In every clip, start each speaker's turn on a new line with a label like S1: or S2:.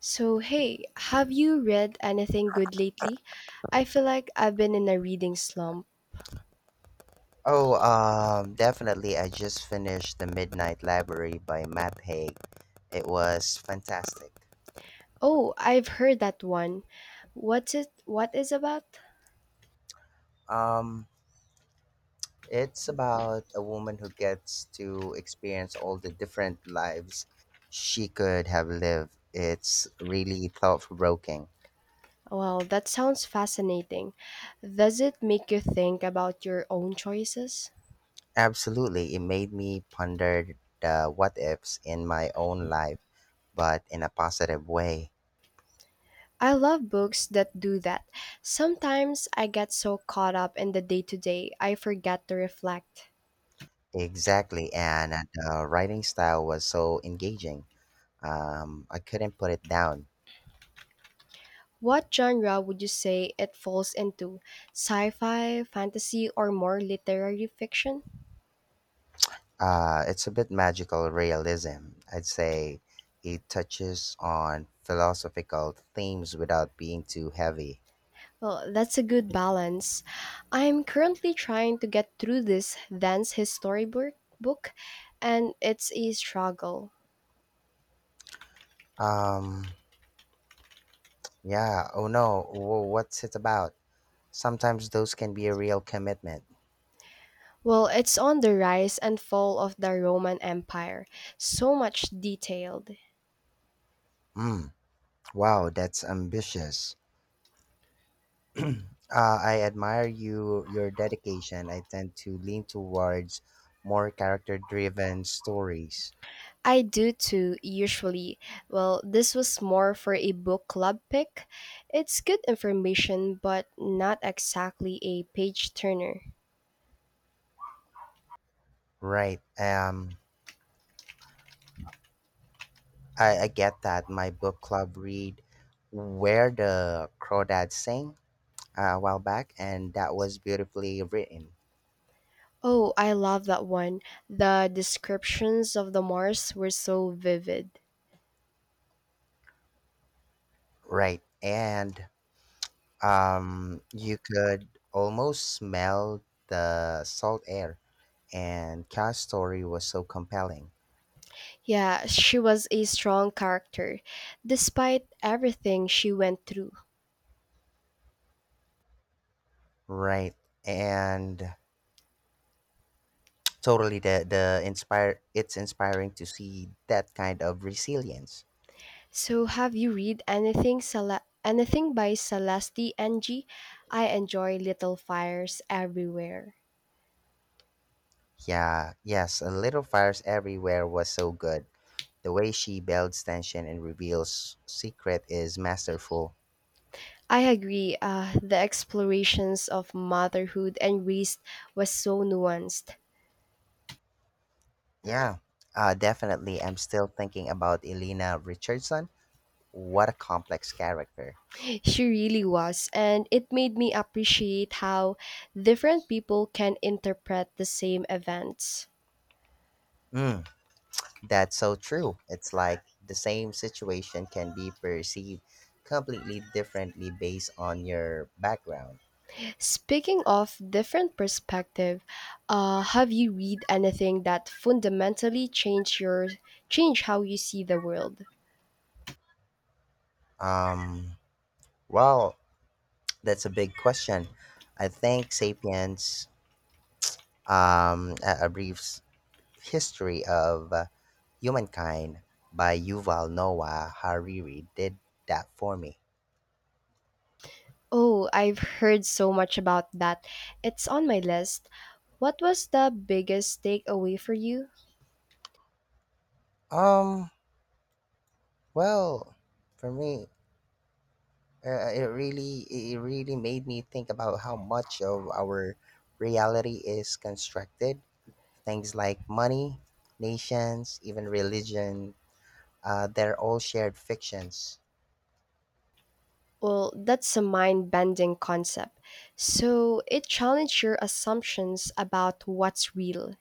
S1: So, hey, have you read anything good lately? I feel like I've been in a reading slump.
S2: Oh, definitely. I just finished The Midnight Library by Matt Haig. It was fantastic.
S1: Oh, I've heard that one. What's it what is about?
S2: Um, it's about a woman who gets to experience all the different lives she could have lived. It's really thought provoking.
S1: Well, that sounds fascinating. Does it make you think about your own choices?
S2: Absolutely. It made me ponder the what ifs in my own life, but in a positive way.
S1: I love books that do that. Sometimes I get so caught up in the day to day, I forget to reflect.
S2: Exactly. And the writing style was so engaging. I couldn't put it down.
S1: What genre would you say it falls into? Sci fi, fantasy, or more literary fiction?
S2: It's a bit magical realism. I'd say it touches on philosophical themes without being too heavy.
S1: Well, that's a good balance. I'm currently trying to get through this dance history book, and it's a struggle.
S2: Um, yeah, oh no, what's it about? Sometimes those can be a real commitment.
S1: Well, it's on the rise and fall of the Roman Empire. So much detailed.
S2: Mm, wow, that's ambitious. uh, I admire you, your dedication. I tend to lean towards more character driven stories.
S1: I do too, usually. Well, this was more for a book club pick. It's good information, but not exactly a page turner.
S2: Right. I get that my book club read Where the Crawdads Sing a while back, and that was beautifully written.
S1: Oh, I love that one. The descriptions of the Mars were so vivid.
S2: Right. And you could almost smell the salt air, and Ka's story was so compelling.
S1: Yeah, she was a strong character, despite everything she went through.
S2: Right. And totally the inspire it's inspiring to see that kind of resilience.
S1: So, have you read anything by Celeste NG? I enjoy Little Fires Everywhere.
S2: Yeah, yes, a little fires everywhere was so good. The way she builds tension and reveals secret is masterful.
S1: I agree. The explorations of motherhood and race was so nuanced.
S2: Yeah, definitely. I'm still thinking about Elena Richardson. What a complex character.
S1: She really was, and it made me appreciate how different people can interpret the same events.
S2: Mm, that's so true. It's like the same situation can be perceived completely differently based on your background.
S1: Speaking of different perspective, have you read anything that fundamentally change how you see the world?
S2: Um, well, that's a big question. I think Sapiens, a brief History of Humankind by Yuval Noah Hariri did that for me.
S1: Oh, I've heard so much about that. It's on my list. What was the biggest takeaway for you?
S2: Um, well, for me, it really made me think about how much of our reality is constructed. Things like money, nations, even religion, they're all shared fictions.
S1: Well, that's a mind-bending concept. So, it challenged your assumptions about what's real.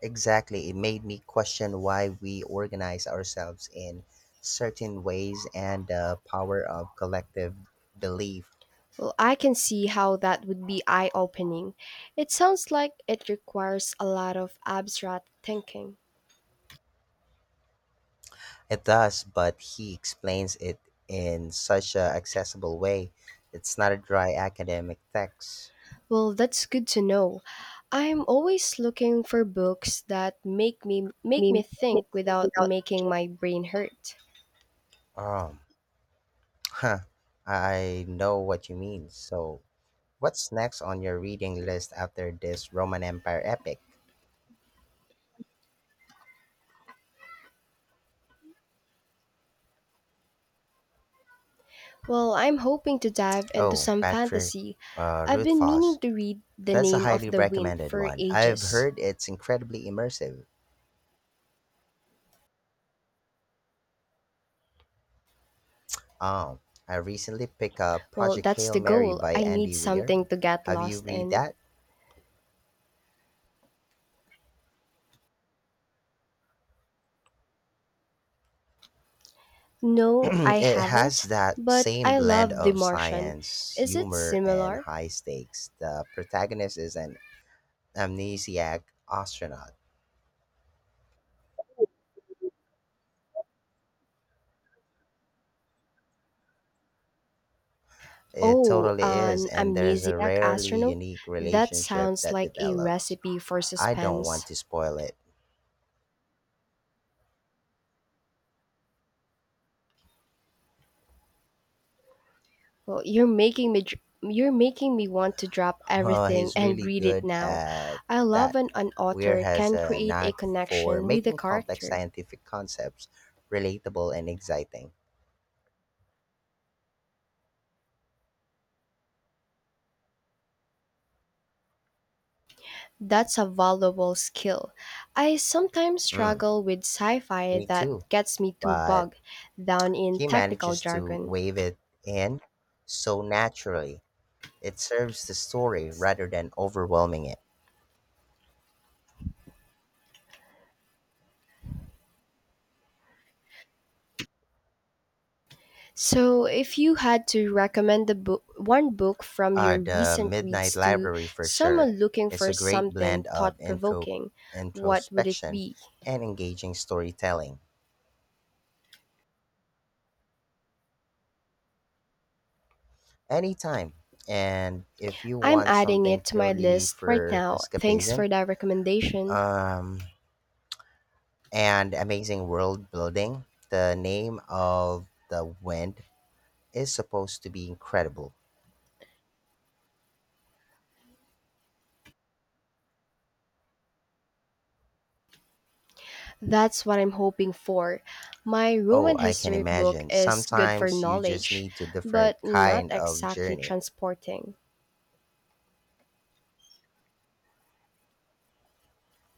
S2: Exactly. It made me question why we organize ourselves in certain ways and the power of collective belief.
S1: Well, I can see how that would be eye opening. It sounds like it requires a lot of abstract thinking.
S2: It does, but he explains it in such a accessible way. It's not a dry academic text.
S1: Well, that's good to know. I'm always looking for books that make me
S2: Make
S1: make
S2: me
S1: me
S2: make me
S1: think
S2: think
S1: without
S2: without
S1: making
S2: thinking.
S1: my brain hurt.
S2: Um, huh. I know what you mean. So, what's next on your reading list after this Roman Empire epic?
S1: Well, I'm hoping to dive into
S2: Oh,
S1: some
S2: Patrick
S1: fantasy. I've been meaning
S2: Rothfuss.
S1: to read The
S2: That's a
S1: Name of
S2: highly
S1: the Wind
S2: recommended
S1: for
S2: one. I've
S1: ages.
S2: heard it's incredibly immersive. Um, I recently picked up
S1: Well,
S2: Project
S1: that's
S2: Hail
S1: the
S2: Mary
S1: goal.
S2: by
S1: I need
S2: Andy Weir.
S1: something to get
S2: Have you
S1: lost
S2: read
S1: in.
S2: that?
S1: No, I
S2: It has
S1: haven't,
S2: that
S1: but
S2: same
S1: I
S2: blend
S1: love The
S2: of
S1: Martian.
S2: science,
S1: Is it
S2: humor, and
S1: similar?
S2: high stakes. The protagonist is an amnesiac astronaut. It
S1: Oh,
S2: totally is,
S1: an
S2: and there's a
S1: amnesiac
S2: rarely
S1: astronaut?
S2: unique
S1: That
S2: relationship
S1: sounds
S2: that
S1: like a
S2: develops.
S1: recipe for
S2: I don't want
S1: suspense.
S2: to spoil it.
S1: Well, you're making me want to drop
S2: Well,
S1: everything
S2: he's
S1: and
S2: really
S1: read it
S2: good
S1: now.
S2: at
S1: I love
S2: that.
S1: when an
S2: Weir
S1: author
S2: has
S1: can
S2: a
S1: create a
S2: knack for
S1: connection with a
S2: making complex
S1: character.
S2: scientific concepts relatable and exciting.
S1: That's a valuable skill. I sometimes
S2: Mm,
S1: struggle with sci-fi
S2: me
S1: that
S2: too,
S1: gets me too
S2: but
S1: bogged down in
S2: he
S1: technical
S2: manages to
S1: jargon.
S2: wave it in so naturally. It serves the story rather than overwhelming it.
S1: So, if you had to one book from your
S2: The
S1: recent
S2: Midnight
S1: reads to
S2: Library for sure.
S1: someone looking
S2: It's
S1: for
S2: a great
S1: something
S2: blend
S1: thought
S2: of
S1: provoking, what would it
S2: introspection
S1: be?
S2: and engaging storytelling. Anytime. And if you
S1: I'm
S2: want
S1: adding
S2: something
S1: it to my
S2: purely
S1: list right
S2: for
S1: now. Thanks
S2: escapism
S1: for that recommendation.
S2: um, and amazing world building, the name of the wind is supposed to be incredible.
S1: That's what I'm hoping for. My
S2: Oh,
S1: Roman
S2: I can
S1: history book
S2: imagine.
S1: is good for
S2: Sometimes you just
S1: knowledge,
S2: need to
S1: but
S2: different
S1: not
S2: kind of
S1: exactly
S2: journey.
S1: transporting.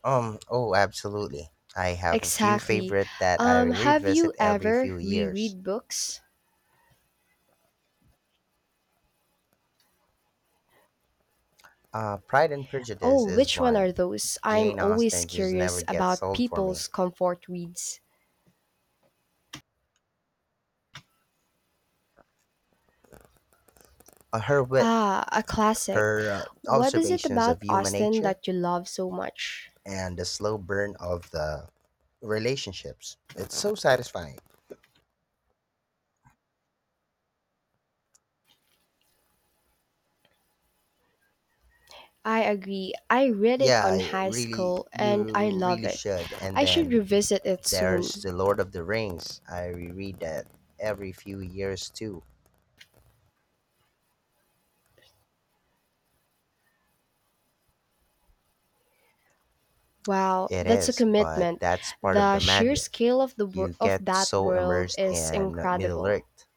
S2: Oh, absolutely. I have a few
S1: Exactly.
S2: favorite that I
S1: Have you
S2: revisit every
S1: ever
S2: few years.
S1: reread books?
S2: Pride and Prejudice
S1: Oh,
S2: is
S1: which one are
S2: one.
S1: those? I'm
S2: Jane
S1: always
S2: Austen just
S1: curious
S2: never
S1: about
S2: gets old for
S1: people's
S2: me.
S1: comfort reads.
S2: Her wit,
S1: Ah, a classic.
S2: her
S1: What is it
S2: observations
S1: about
S2: of human
S1: Austen
S2: nature,
S1: that you love so much?
S2: and the slow burn of the relationships. It's so satisfying.
S1: I agree. I read it
S2: Yeah,
S1: on high school and I
S2: you
S1: love
S2: really
S1: it.
S2: should. And
S1: I should
S2: then
S1: revisit it
S2: there's
S1: soon.
S2: The Lord of the Rings. I reread that every few years too.
S1: Wow,
S2: It
S1: that's a
S2: is, but
S1: commitment.
S2: that's part of
S1: The
S2: the
S1: sheer
S2: magic.
S1: scale of
S2: You
S1: of
S2: get
S1: that
S2: so
S1: world
S2: immersed
S1: is
S2: in Middle
S1: incredible.
S2: Earth.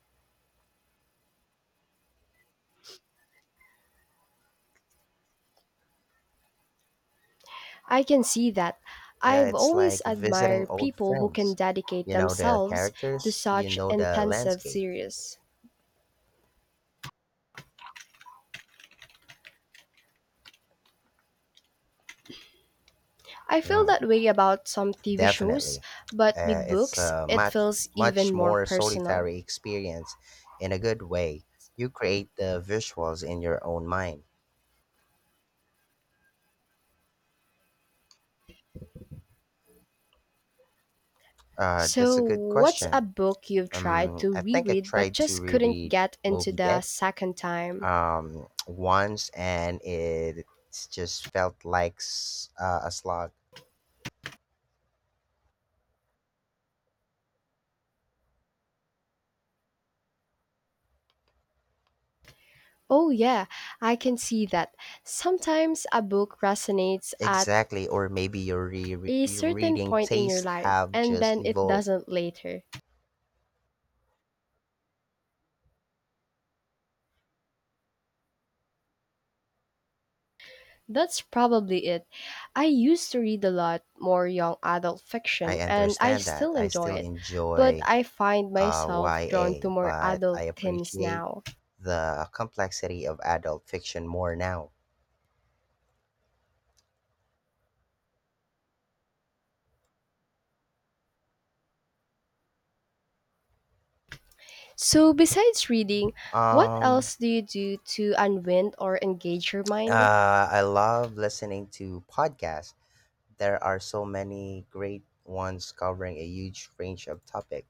S1: I can see that.
S2: Yeah,
S1: I've
S2: it's
S1: always
S2: like visiting
S1: admired
S2: old
S1: people who can
S2: friends.
S1: dedicate
S2: You know the
S1: themselves to
S2: characters, you
S1: such
S2: know the
S1: intensive
S2: landscape.
S1: series. I feel
S2: Mm,
S1: that way about some TV shows,
S2: definitely.
S1: but with
S2: It's
S1: books,
S2: a
S1: it feels even
S2: much
S1: more
S2: more
S1: personal.
S2: solitary experience in a good way. You create the visuals in your own mind. That's
S1: So,
S2: a good
S1: what's a
S2: question.
S1: book you've tried to
S2: I think I
S1: reread but
S2: tried to
S1: just couldn't
S2: reread
S1: get into
S2: Moby
S1: the
S2: Dick
S1: second time?
S2: once, and it just felt like a slog.
S1: Oh, yeah, I can see that. Sometimes a book resonates at
S2: Exactly, or maybe
S1: a
S2: your
S1: certain
S2: reading
S1: point in your
S2: tastes
S1: life
S2: have
S1: and
S2: just
S1: then it
S2: evolved.
S1: doesn't later. That's probably it. I used to read a lot more young adult fiction,
S2: I
S1: and I
S2: understand that.
S1: still
S2: I
S1: enjoy
S2: still
S1: it, but
S2: enjoy
S1: I find myself drawn to
S2: YA,
S1: more
S2: but I
S1: adult themes
S2: appreciate
S1: now.
S2: the complexity of adult fiction more now.
S1: So, besides reading, what
S2: Um,
S1: else do you do to unwind or engage your mind?
S2: uh, I love listening to podcasts. There are so many great ones covering a huge range of topic.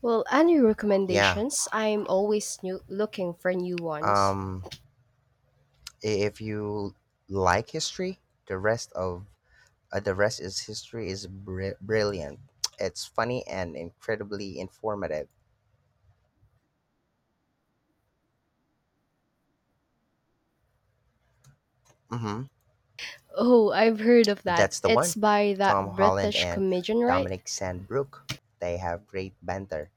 S1: Well, any
S2: Yeah.
S1: recommendations? Looking for new ones.
S2: Um, if you like history, the rest of the rest is history is brilliant. It's funny and incredibly informative. Hmm.
S1: Oh, I've heard of that.
S2: That's the
S1: It's
S2: one.
S1: by
S2: Tom
S1: that
S2: Holland
S1: British
S2: and
S1: comedian, right?
S2: Dominic Sandbrook. They have great banter.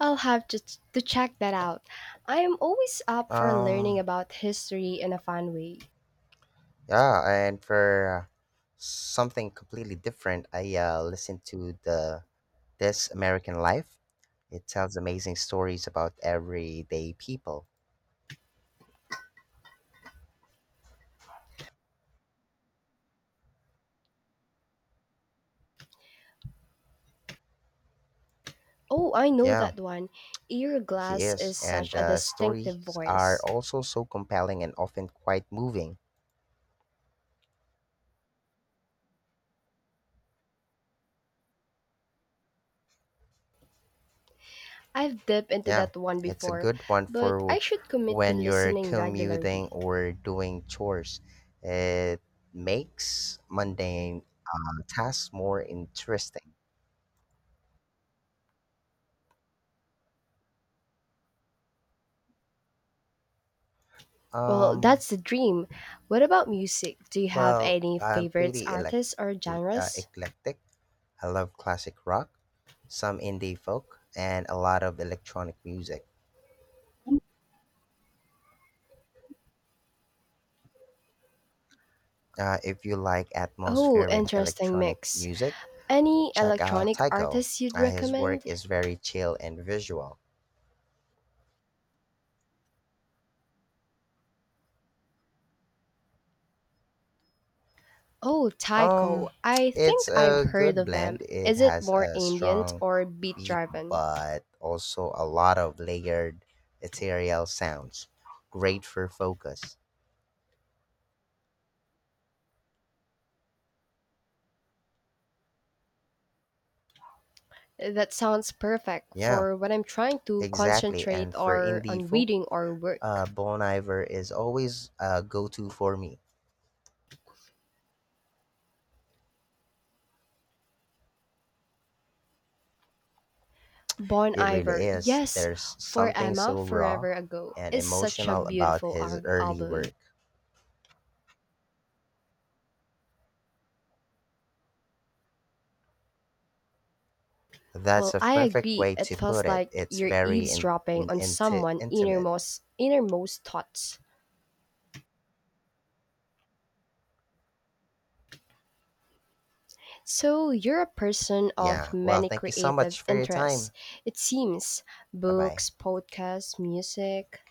S1: I'll have to, to check that out. I am always up for learning
S2: Um,
S1: about history in a fun way.
S2: yeah, and for something completely different, I listened to the This American Life. It tells amazing stories about everyday people.
S1: Oh, I know
S2: Yeah.
S1: that one. Ear
S2: He
S1: glass
S2: is,
S1: is
S2: and
S1: such a
S2: the
S1: distinctive
S2: stories are
S1: voice.
S2: also so compelling and often quite moving.
S1: I've dipped into
S2: Yeah,
S1: that one
S2: it's a
S1: before,
S2: good one
S1: but I
S2: for
S1: should commit to
S2: when you're
S1: listening
S2: commuting
S1: regularly.
S2: or doing chores. It makes mundane tasks more interesting.
S1: Well,
S2: Um,
S1: that's the dream. What about music? Do you have
S2: well,
S1: any
S2: I'm
S1: favorites
S2: pretty
S1: artists or genres?
S2: eclectic. I love classic rock, some indie folk, and a lot of electronic music. If you like
S1: Oh,
S2: atmospheric
S1: interesting
S2: electronic
S1: mix.
S2: music,
S1: Any
S2: check out
S1: electronic
S2: Tycho.
S1: artists you'd
S2: His work
S1: recommend?
S2: is very chill and visual.
S1: Oh,
S2: Um,
S1: Tycho. I
S2: it's
S1: think I've
S2: a
S1: heard
S2: good
S1: of them.
S2: blend. It
S1: Is it
S2: has
S1: more
S2: a
S1: ambient
S2: strong
S1: or beat
S2: beat,
S1: driven?
S2: but also a lot of layered ethereal sounds. Great for focus.
S1: That sounds perfect
S2: Yeah,
S1: for when I'm trying to
S2: exactly.
S1: concentrate
S2: And for
S1: or
S2: indie
S1: on
S2: folk,
S1: reading or work.
S2: Bon Iver is always a go-to for me.
S1: Bon
S2: It really
S1: Iver,
S2: is.
S1: yes,
S2: There's
S1: for
S2: something
S1: Emma
S2: so raw
S1: Forever Ago
S2: and
S1: is such a
S2: emotional about
S1: beautiful
S2: his early
S1: album.
S2: work. That's
S1: Well,
S2: a
S1: I
S2: perfect
S1: agree.
S2: way
S1: It
S2: to
S1: feels
S2: put it.
S1: like
S2: It's
S1: you're
S2: very
S1: eavesdropping on someone
S2: intimate.
S1: innermost innermost thoughts. So, you're a person of
S2: Yeah. Well,
S1: many
S2: thank you so
S1: creative
S2: much for your
S1: interests,
S2: time.
S1: it seems
S2: Bye bye.
S1: books, podcasts, music.